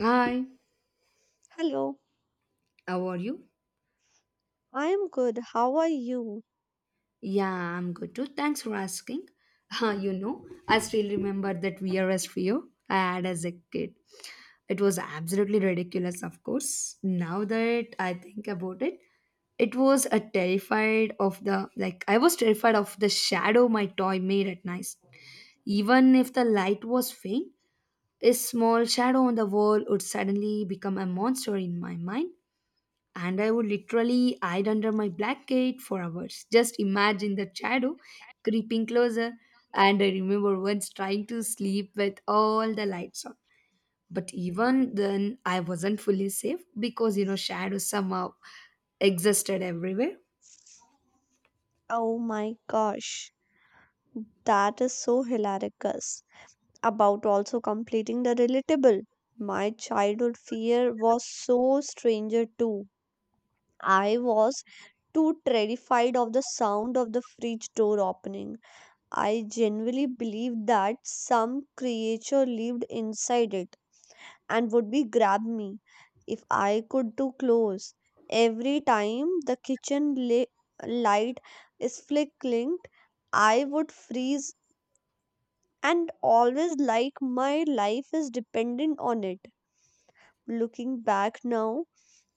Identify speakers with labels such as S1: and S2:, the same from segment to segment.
S1: Hi,
S2: Hello,
S1: how are you?
S2: I am good. How are you?
S1: Yeah, I'm good too. Thanks for asking. I still remember that VRS trio I had as a kid. It was absolutely ridiculous, of course. Now that I think about it, it was a terrified of the like I was terrified of the shadow my toy made at night. Even if the light was faint, a small shadow on the wall would suddenly become a monster in my mind, and I would literally hide under my blanket for hours. Just imagine the shadow creeping closer. And I remember once trying to sleep with all the lights on. But even then, I wasn't fully safe because shadows somehow existed everywhere.
S2: Oh my gosh, that is so hilarious. About also completing the relatable. My childhood fear was so stranger too. I was too terrified of the sound of the fridge door opening. I genuinely believed that some creature lived inside it. And would be grab me if I could too close. Every time the light is flickering, I would freeze and always like my life is dependent on it. Looking back now,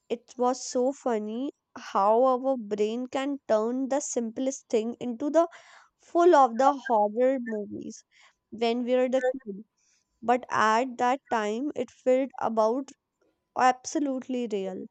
S2: it was so funny how our brain can turn the simplest thing into the full of the horror movies when we were the kid. But at that time, it felt about absolutely real.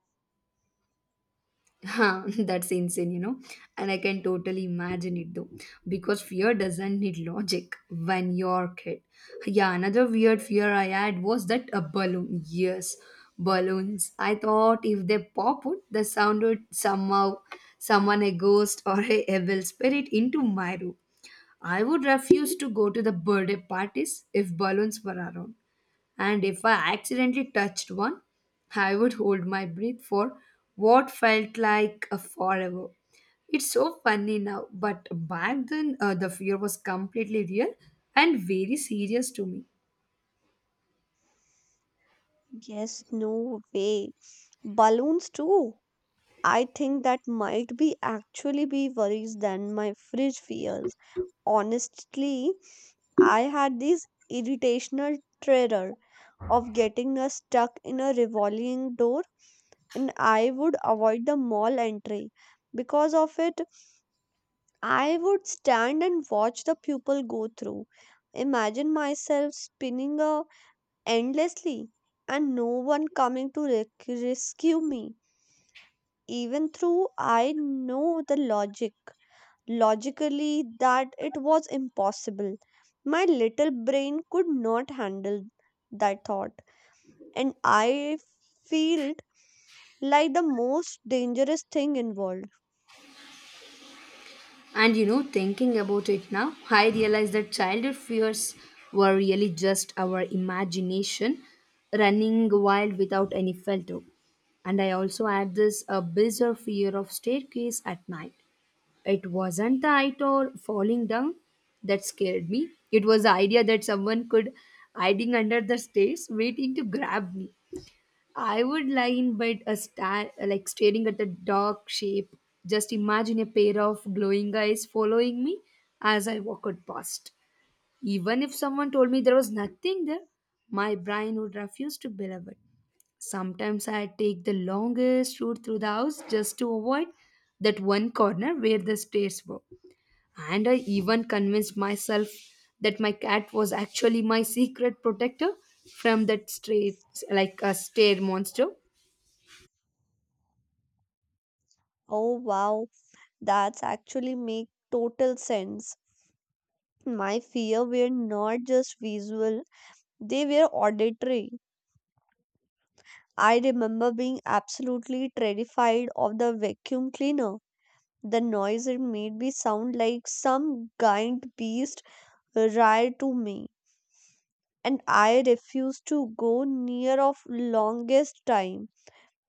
S1: Huh, that's insane, you know. And I can totally imagine it though, because fear doesn't need logic when you're kid. Yeah, another weird fear I had was that a balloon. Yes, balloons. I thought if they pop out, the sound would somehow summon a ghost or a evil spirit into my room. I would refuse to go to the birthday parties if balloons were around, and if I accidentally touched one, I would hold my breath for what felt like a forever. It's so funny now, but back then the fear was completely real and very serious to me.
S2: Yes, no way. Balloons too. I think that might be actually be worries than my fridge fears. Honestly, I had this irritational terror of getting stuck in a revolving door and I would avoid the mall entry. Because of it, I would stand and watch the people go through. Imagine myself spinning a endlessly and no one coming to rescue me even though I know the logically that it was impossible. My little brain could not handle that thought, and I felt like the most dangerous thing involved.
S1: And you know, thinking about it now, I realize that childhood fears were really just our imagination running wild without any filter. And I also had this bizarre fear of staircase at night. It wasn't the height or falling down that scared me. It was the idea that someone could hiding under the stairs waiting to grab me. I would lie in bed a star like staring at the dark shape. Just imagine a pair of glowing eyes following me as I walked past. Even if someone told me there was nothing there, my brain would refuse to believe it. Sometimes I'd take the longest route through the house just to avoid that one corner where the stairs were. And I even convinced myself that my cat was actually my secret protector from that straight, like a stare monster.
S2: Oh wow, that's actually make total sense. My fear were not just visual, they were auditory. I remember being absolutely terrified of the vacuum cleaner. The noise it made me sound like some giant beast right to me, and I refused to go near of longest time.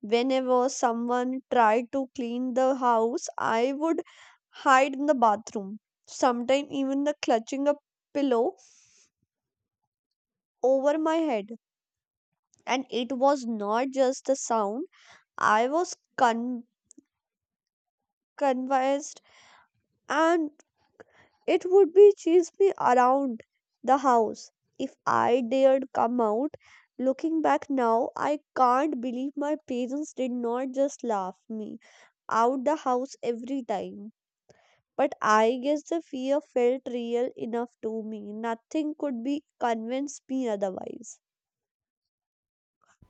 S2: Whenever someone tried to clean the house, I would hide in the bathroom, sometimes even the clutching a pillow over my head. And it was not just the sound, I was convinced, and it would be chase me around the house if I dared come out. Looking back now, I can't believe my parents did not just laugh me out the house every time. But I guess the fear felt real enough to me. Nothing could be convince me otherwise.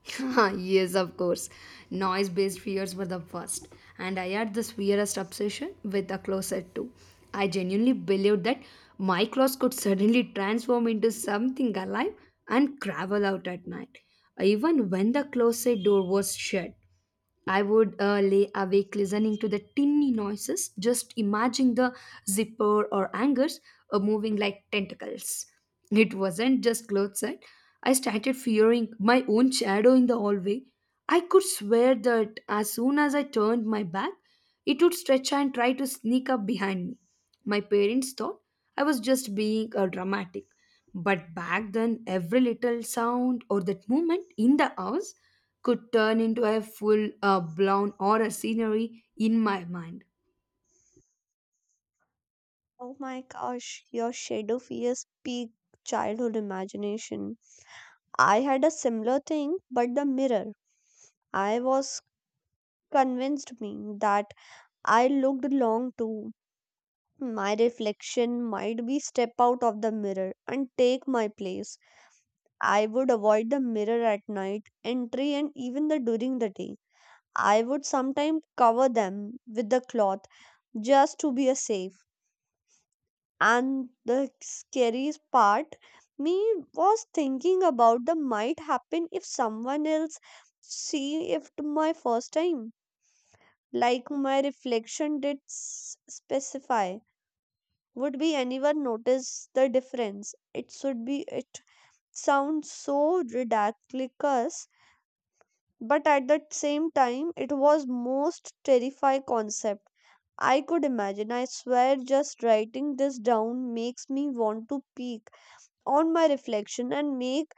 S1: Yes, of course. Noise based fears were the worst. And I had this weirdest obsession with the closet too. I genuinely believed that my clothes could suddenly transform into something alive and travel out at night, even when the closet door was shut. I would lay awake listening to the tinny noises, just imagine the zipper or hangers moving like tentacles. It wasn't just clothes. Eh? I started fearing my own shadow in the hallway. I could swear that as soon as I turned my back, it would stretch and try to sneak up behind me. My parents thought I was just being dramatic. But back then, every little sound or that movement in the house could turn into a full blown horror scenery in my mind.
S2: Oh my gosh, your shadow fears peak childhood imagination. I had a similar thing, but the mirror. I was convinced me that I looked long too. My reflection might be step out of the mirror and take my place. I would avoid the mirror at night, entry, and even the during the day. I would sometimes cover them with the cloth just to be a safe. And the scariest part me was thinking about the might happen if someone else see if my first time, like my reflection did specify. Would be anyone notice the difference? It should be it sounds so ridiculous, but at the same time it was most terrifying concept I could imagine. I swear, just writing this down makes me want to peek on my reflection and make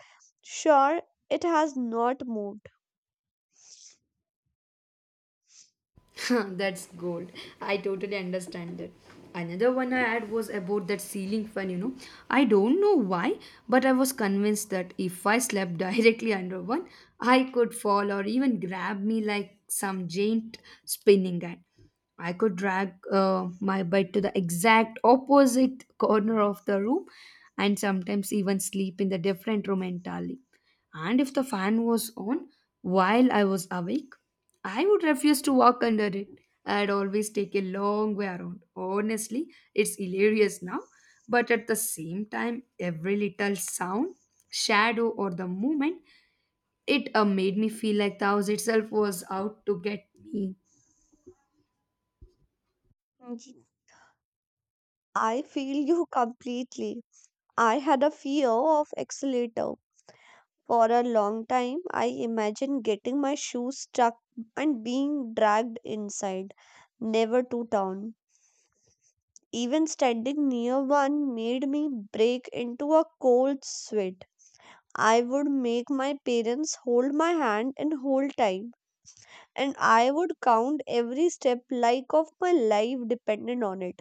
S2: sure it has not moved.
S1: That's gold. I totally understand that. Another one I had was about that ceiling fan, you know. I don't know why, but I was convinced that if I slept directly under one, I could fall or even grab me like some giant spinning gun. I could drag my bed to the exact opposite corner of the room and sometimes even sleep in the different room entirely. And if the fan was on while I was awake, I would refuse to walk under it. I'd always take a long way around. Honestly, it's hilarious now, but at the same time, every little sound, shadow, or the movement, it made me feel like the house itself was out to get me.
S2: Mm, I feel you completely. I had a fear of accelerator for a long time. I imagined getting my shoes stuck and being dragged inside, never to town. Even standing near one made me break into a cold sweat. I would make my parents hold my hand and hold time, and I would count every step like of my life depended on it.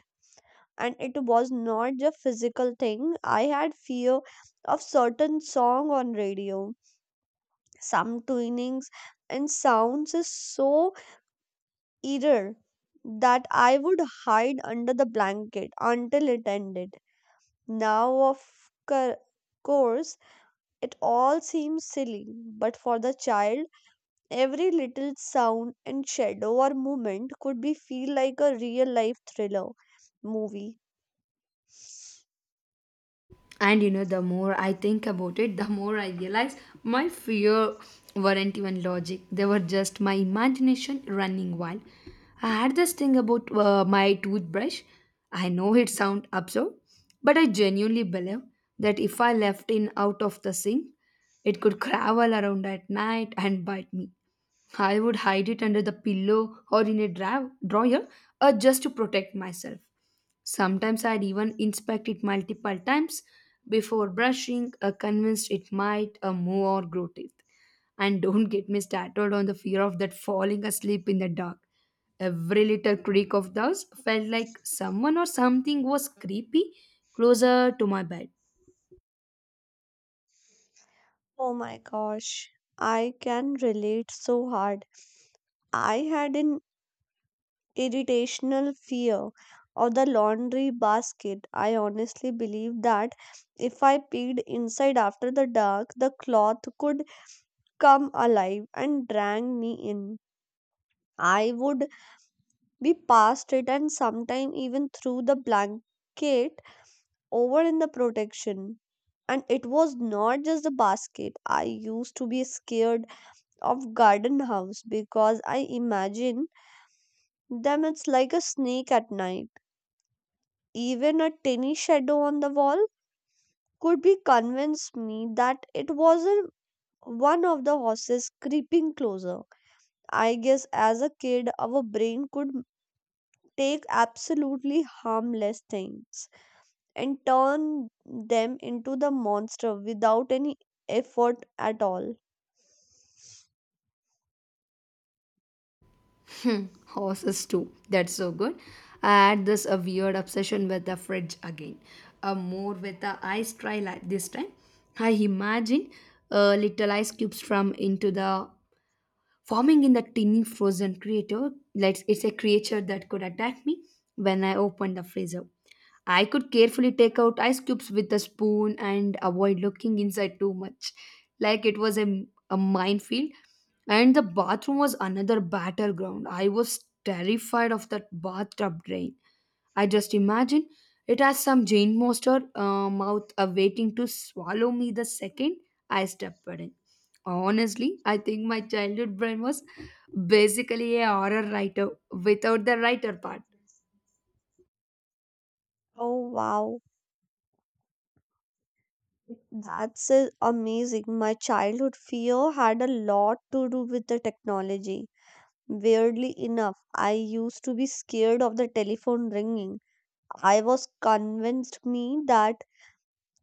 S2: And it was not just physical thing. I had fear of certain song on radio. Some tunings and sounds is so eerie that I would hide under the blanket until it ended. Now, of cour- course, it all seems silly, but for the child, every little sound and shadow or movement could be feel like a real life thriller movie.
S1: And you know, the more I think about it, the more I realize my fear weren't even logic. They were just my imagination running wild. I had this thing about my toothbrush. I know it sounds absurd, but I genuinely believe that if I left it out of the sink, it could crawl around at night and bite me. I would hide it under the pillow or in a drawer just to protect myself. Sometimes I'd even inspect it multiple times before brushing, convinced it might move or grow teeth. And don't get me started on the fear of that falling asleep in the dark. Every little creak of those felt like someone or something was creepy closer to my bed.
S2: Oh my gosh, I can relate so hard. I had an irritational fear of the laundry basket. I honestly believe that if I peeked inside after the dark, the cloth could come alive and drag me in. I would be past it and sometime even through the blanket over in the protection. And it was not just the basket. I used to be scared of garden house because I imagine them it's like a snake at night. Even a tiny shadow on the wall could be convinced me that it wasn't one of the horses creeping closer. I guess as a kid, our brain could take absolutely harmless things and turn them into the monster without any effort at all.
S1: Hmm, horses too. That's so good. I had this a weird obsession with the fridge again. More with the ice tray like this time. I imagine little ice cubes from into the forming in the tiny frozen creature, like it's a creature that could attack me when I opened the freezer. I could carefully take out ice cubes with a spoon and avoid looking inside too much. Like it was a minefield. And the bathroom was another battleground. I was terrified of that bathtub drain. I just imagine it as some giant monster mouth awaiting to swallow me the second I step in. Honestly, I think my childhood brain was basically a horror writer without the writer part.
S2: Oh wow, that's amazing. My childhood fear had a lot to do with the technology. Weirdly enough, I used to be scared of the telephone ringing. I was convinced me that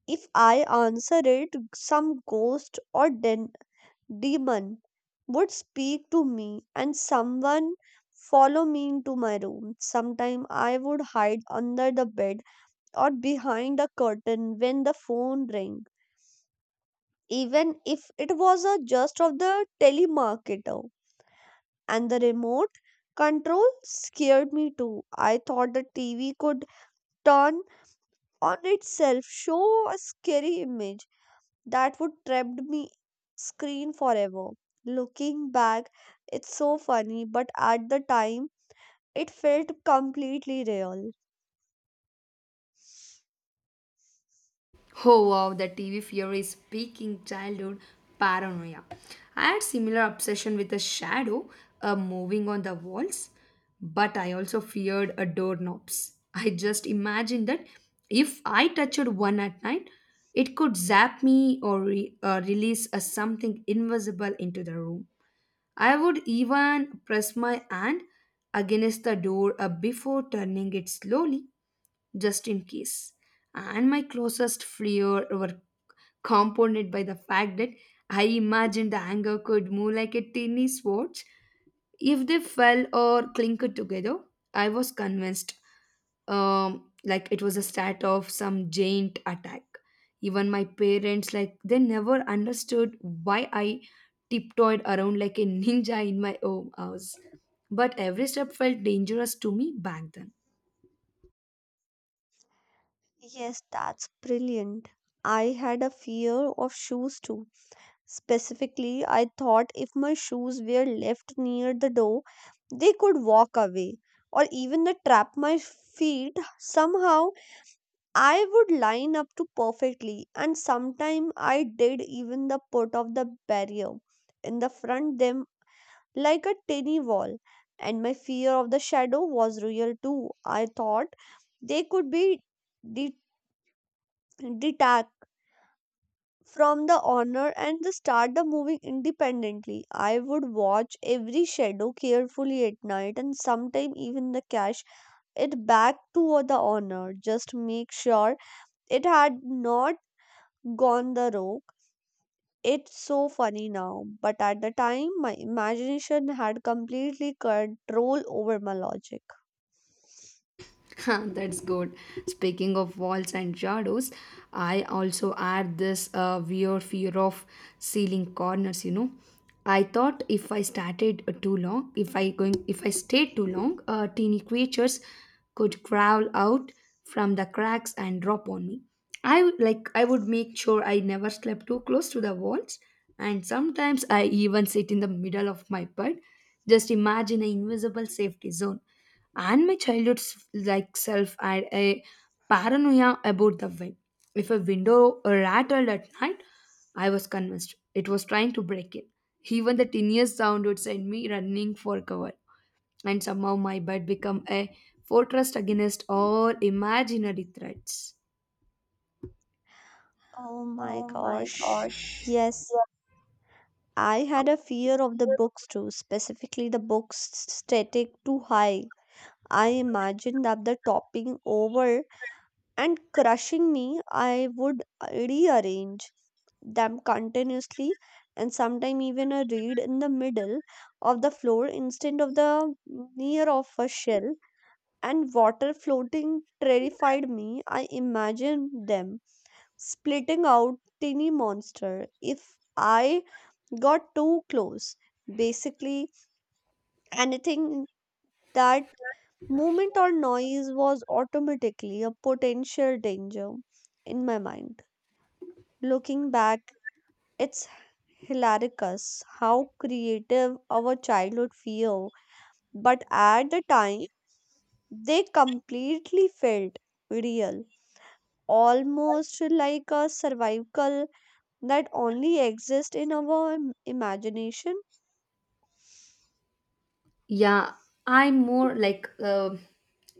S2: if I answered it, some ghost or demon would speak to me and someone follow me into my room. Sometimes I would hide under the bed or behind a curtain when the phone rang, even if it was a just of the telemarketer. And the remote control scared me too. I thought the TV could turn on itself, show a scary image that would trap me screen forever. Looking back, it's so funny, but at the time, it felt completely real.
S1: Oh wow, the TV fear is peaking childhood paranoia. I had similar obsession with a shadow moving on the walls, but I also feared a doorknobs. I just imagined that if I touched one at night, it could zap me or release a something invisible into the room. I would even press my hand against the door before turning it slowly just in case. And my closest fear were compounded by the fact that I imagined the anger could move like a tiny sword. If they fell or clinked together, I was convinced like it was a start of some giant attack. Even my parents, like they never understood why I tiptoed around like a ninja in my own house. But every step felt dangerous to me back then.
S2: Yes, that's brilliant. I had a fear of shoes too. Specifically, I thought if my shoes were left near the door, they could walk away or even the trap my feet. Somehow, I would line up to perfectly, and sometime I did even the put of the barrier in the front them like a tiny wall. And my fear of the shadow was real too. I thought they could be de- detached from the honor and the start the moving independently. I would watch every shadow carefully at night and sometime even the cash it back to the honor. Just make sure it had not gone the rogue. It's so funny now, but at the time my imagination had completely control over my logic.
S1: That's good. Speaking of walls and shadows, I also had this weird fear of ceiling corners. You know, I thought if I started too long, if I going, if I stayed too long, teeny creatures could crawl out from the cracks and drop on me. I would make sure I never slept too close to the walls, and sometimes I even sit in the middle of my bed, just imagine an invisible safety zone. And my childhood s- like self had a paranoia about the wind. If a window rattled at night, I was convinced it was trying to break in. Even the tiniest sound would send me running for cover, and somehow my bed became a fortress against all imaginary threats.
S2: Oh my gosh. Yes. I had a fear of the books too, specifically the books static too high. I imagined up the topping over and crushing me. I would rearrange them continuously and sometimes even a reed in the middle of the floor instead of the near of a shell. And water floating terrified me. I imagined them splitting out tiny monster if I got too close. Basically anything that movement or noise was automatically a potential danger in my mind. Looking back, it's hilarious how creative our childhood fear, but at the time, they completely felt real, almost like a survival that only exists in our imagination.
S1: Yeah, I'm more like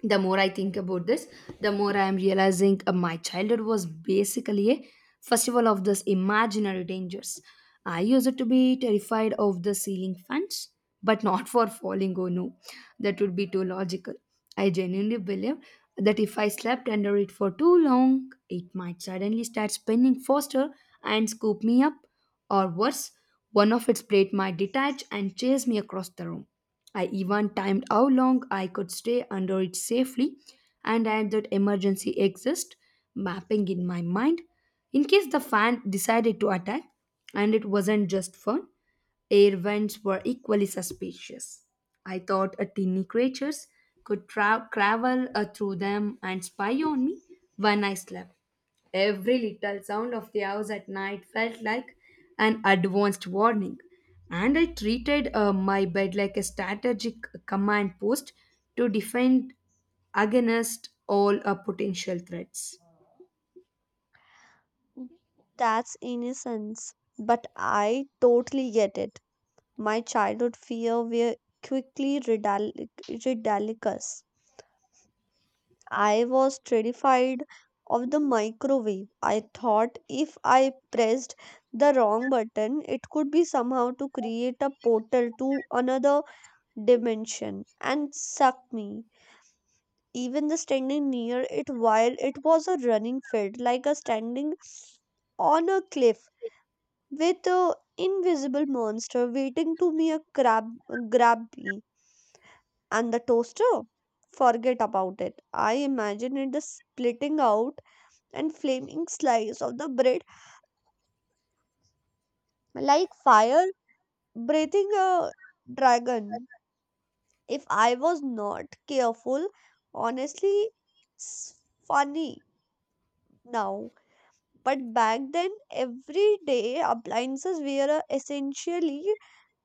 S1: the more I think about this, the more I'm realizing my childhood was basically a festival of this imaginary dangers. I used to be terrified of the ceiling fans, but not for falling. Oh no, that would be too logical. I genuinely believe that if I slept under it for too long, it might suddenly start spinning faster and scoop me up, or worse, one of its plate might detach and chase me across the room. I even timed how long I could stay under it safely and had that emergency exist mapping in my mind in case the fan decided to attack. And it wasn't just fun, air vents were equally suspicious. I thought a tiny creatures could travel through them and spy on me when I slept. Every little sound of the house at night felt like an advanced warning, and I treated my bed like a strategic command post to defend against all potential threats.
S2: That's innocence. But I totally get it. My childhood fear were quickly ridiculous. I was terrified of the microwave. I thought if I pressed the wrong button, it could be somehow to create a portal to another dimension and suck me. Even the standing near it while it was a running felt like a standing on a cliff with an invisible monster waiting to me a crab grab me. And the toaster? Forget about it. I imagine it the splitting out and flaming slice of the bread like fire breathing a dragon. If I was not careful, honestly, it's funny now. But back then, everyday appliances were essentially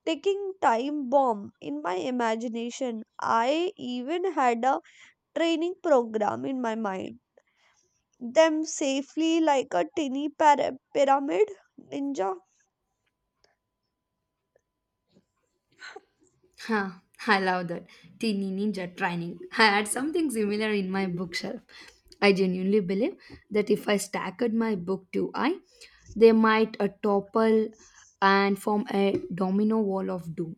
S2: ticking time bomb in my imagination. I even had a training program in my mind them safely like a tiny pyramid ninja.
S1: Huh, I love that. Teeny ninja training. I had something similar in my bookshelf. I genuinely believe that if I stacked my book too high, they might topple and form a domino wall of doom.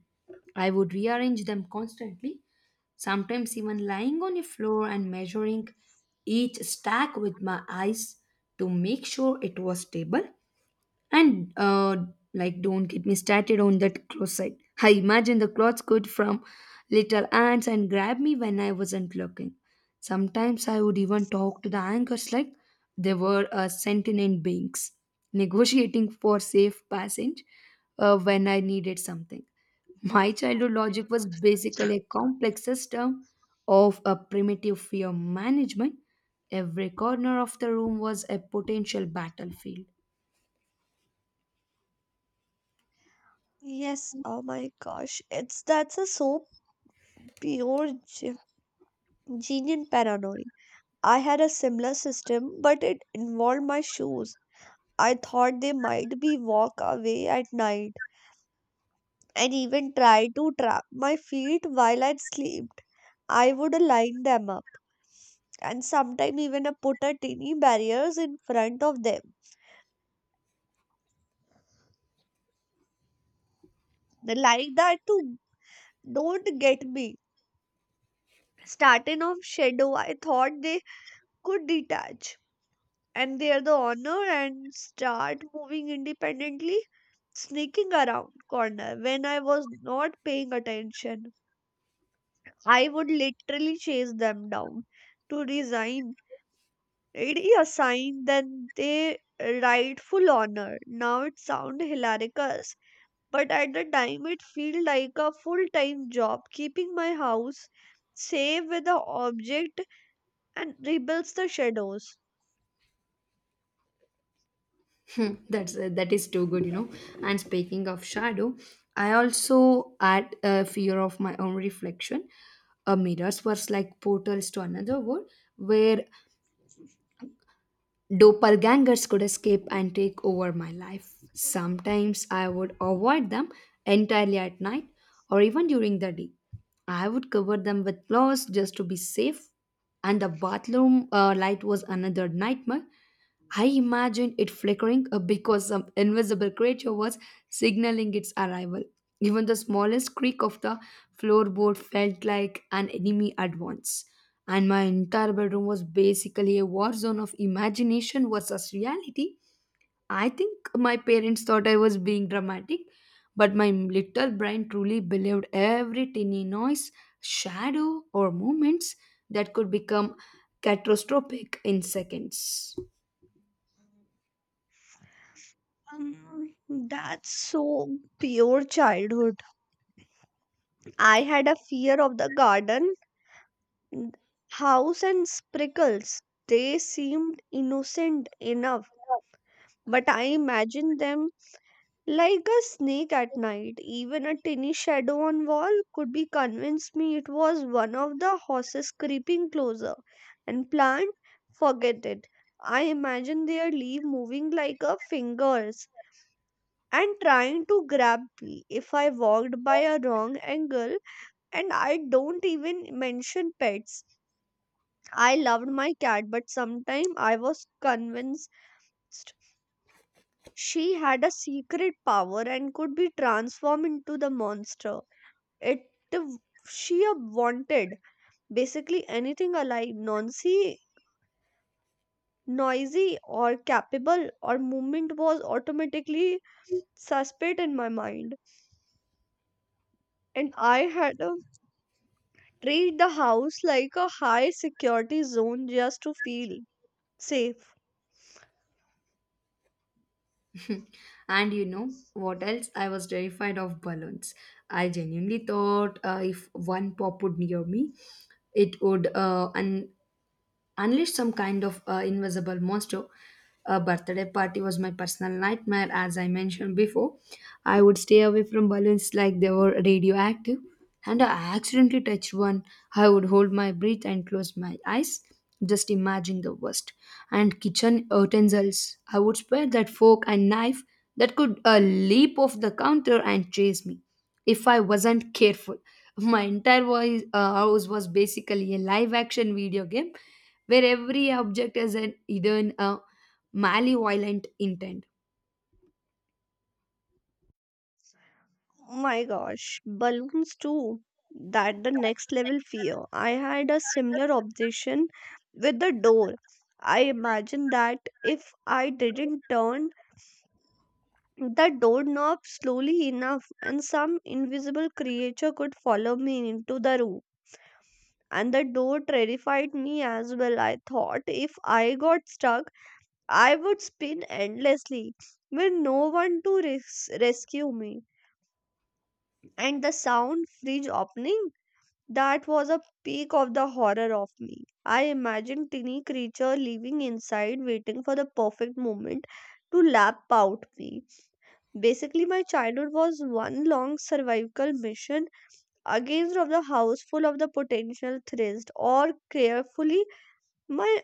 S1: I would rearrange them constantly, sometimes even lying on a floor and measuring each stack with my eyes to make sure it was stable and don't get me started on that closet. I imagine the clothes could from little ants and grab me when I wasn't looking. Sometimes I would even talk to the anchors like they were sentient beings, negotiating for safe passage when I needed something. My childhood logic was basically a complex system of a primitive fear management. Every corner of the room was a potential battlefield.
S2: Yes, oh my gosh, it's that's a so pure genius paranoid. I had a similar system, but it involved my shoes. I thought they might be walk away at night and even try to trap my feet while I slept. I would line them up and sometimes even put a tiny barriers in front of them like that to don't get me starting of shadow. I thought they could detach and they're the honor and start moving independently, sneaking around corner. When I was not paying attention, I would literally chase them down to resign. Really a sign then they rightful honor. Now it sounds hilarious, but at the time it felt like a full time job keeping my house safe with the object and rebels the shadows.
S1: Hmm, that is too good, you know. And speaking of shadow, I also had a fear of my own reflection. A mirrors was like portals to another world, where doppelgangers could escape and take over my life. Sometimes I would avoid them entirely at night or even during the day. I would cover them with clothes just to be safe. And the bathroom light was another nightmare. I imagined it flickering because some invisible creature was signaling its arrival. Even the smallest creak of the floorboard felt like an enemy advance, and my entire bedroom was basically a war zone of imagination versus reality. I think my parents thought I was being dramatic, but my little brain truly believed every tiny noise, shadow, or movements that could become catastrophic in seconds.
S2: Um, that's so pure childhood. I had a fear of the garden, n- house, and sprinkles. They seemed innocent enough, but I imagined them like a snake at night. Even a tiny shadow on wall could be convinced me it was one of the horses creeping closer. And plant, forget it. I imagined their leaf moving like a finger, and trying to grab me if I walked by a wrong angle. And I don't even mention pets. I loved my cat, but sometimes I was convinced she had a secret power and could be transformed into the monster. It w- she wanted basically anything alive, noisy or capable or movement was automatically suspect in my mind. And I had a treat the house like a high security zone just to feel safe.
S1: And you know what else? I was terrified of balloons. I genuinely thought if one popped near me, it would unleashed some kind of invisible monster. A birthday party was my personal nightmare, as I mentioned before. I would stay away from balloons like they were radioactive, and I accidentally touched one. I would hold my breath and close my eyes, just imagine the worst. And kitchen utensils, I would spare that fork and knife that could leap off the counter and chase me if I wasn't careful. My entire house was basically a live action video game where every object has an hidden a malevolent intent.
S2: Oh my gosh, balloons too. That the next level fear. I had a similar obsession with the door. I imagined that if I didn't turn the doorknob slowly enough, and some invisible creature could follow me into the room. And the door terrified me as well. I thought if I got stuck, I would spin endlessly with no one to rescue me. And the sound fridge opening, that was a peak of the horror of me. I imagined tiny creature living inside waiting for the perfect moment to lap out me. Basically my childhood was one long survival mission against of the house full of the potential threats or carefully my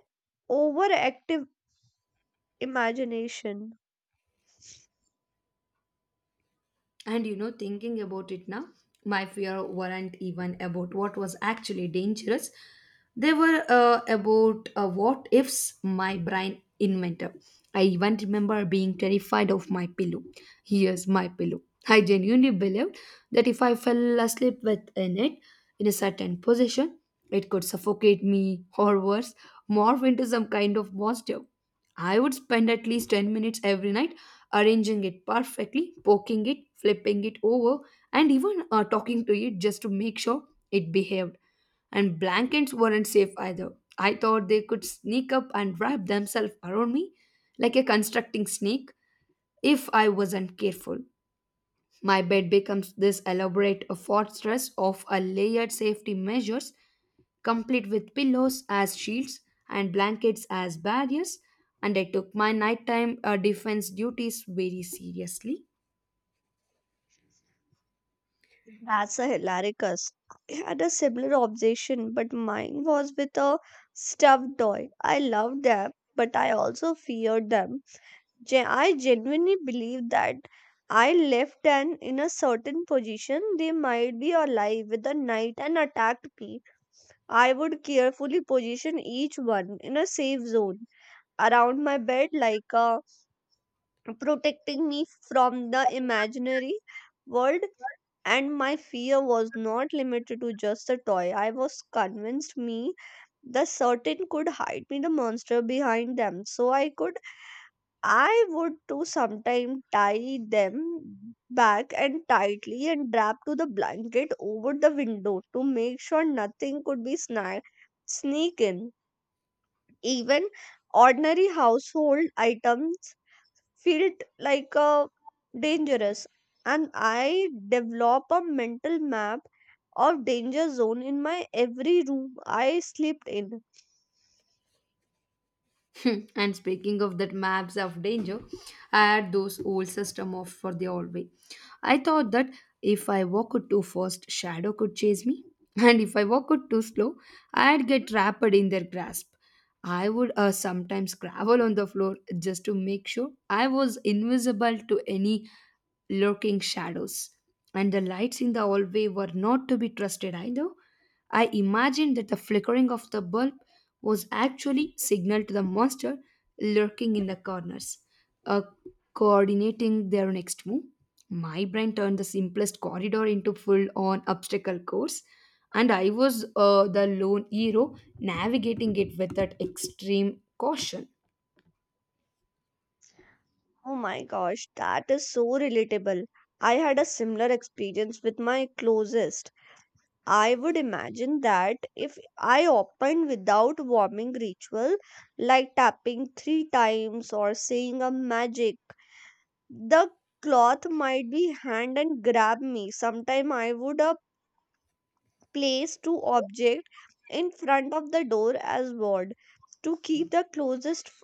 S2: overactive imagination.
S1: And you know, thinking about it now, my fear weren't even about what was actually dangerous. They were about what ifs my brain invented. I even remember being terrified of my pillow. Here's my pillow. I genuinely believed that if I fell asleep within it in a certain position, it could suffocate me or worse, morph into some kind of monster. I would spend at least 10 minutes every night arranging it perfectly, poking it, flipping it over, and even talking to it just to make sure it behaved. And blankets weren't safe either. I thought they could sneak up and wrap themselves around me like a constructing snake if I wasn't careful. My bed becomes this elaborate fortress of a layered safety measures, complete with pillows as shields and blankets as barriers, and I took my nighttime defense duties very seriously.
S2: That's a hilaricus. I had a similar obsession, but mine was with a stuffed toy. I loved them, but I also feared them. I genuinely believed that I left them in a certain position, they might be alive with a knife and attacked me. I would carefully position each one in a safe zone around my bed, like protecting me from the imaginary world. And my fear was not limited to just the toy. I was convinced me the certain could hide me the monster behind them. So I could I would too sometime tie them back and tightly and wrap to the blanket over the window to make sure nothing could be sneak in. Even ordinary household items felt like a dangerous, and I develop a mental map of danger zone in my every room I slept in.
S1: Hmm, and speaking of that maps of danger, I had those old system of for the hallway. I thought that if I walked too fast, shadow could chase me, and if I walked too slow, I'd get trapped in their grasp. I would sometimes gravel on the floor just to make sure I was invisible to any lurking shadows, and the lights in the hallway were not to be trusted either. I imagined that the flickering of the bulb was actually signal to the monster lurking in the corners, uh, coordinating their next move. My brain turned the simplest corridor into full-on obstacle course, and I was the lone hero navigating it with that extreme caution.
S2: Oh my gosh, that is so relatable. I had a similar experience with my closest. I would imagine that if I opened without warming ritual, like tapping three times or saying a magic, the cloth might be hand and grab me. Sometime I would, place two objects in front of the door as ward to keep the closest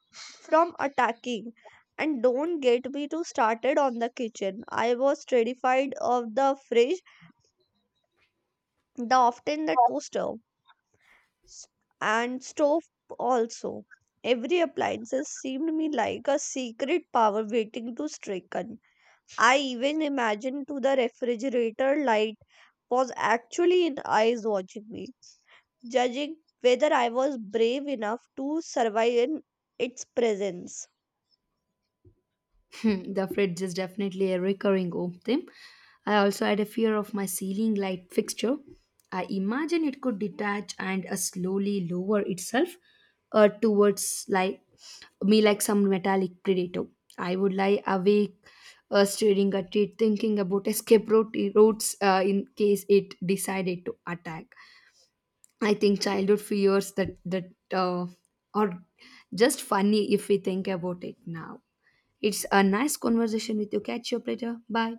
S2: from attacking. And don't get me to started on the kitchen. I was terrified of the fridge, the often the toaster, s- and stove also. Every appliances seemed me like a secret power waiting to stricken. I even imagined to the refrigerator light was actually in eyes watching me, judging whether I was brave enough to survive in its presence.
S1: Hmm, the fridge is definitely a recurring home theme. I also had a fear of my ceiling light fixture. I imagine it could detach and slowly lower itself towards like me like some metallic predator. I would lie awake staring at it, thinking about routes in case it decided to attack. I think childhood fears that are just funny if we think about it now. It's a nice conversation with you. Catch you up later. Bye.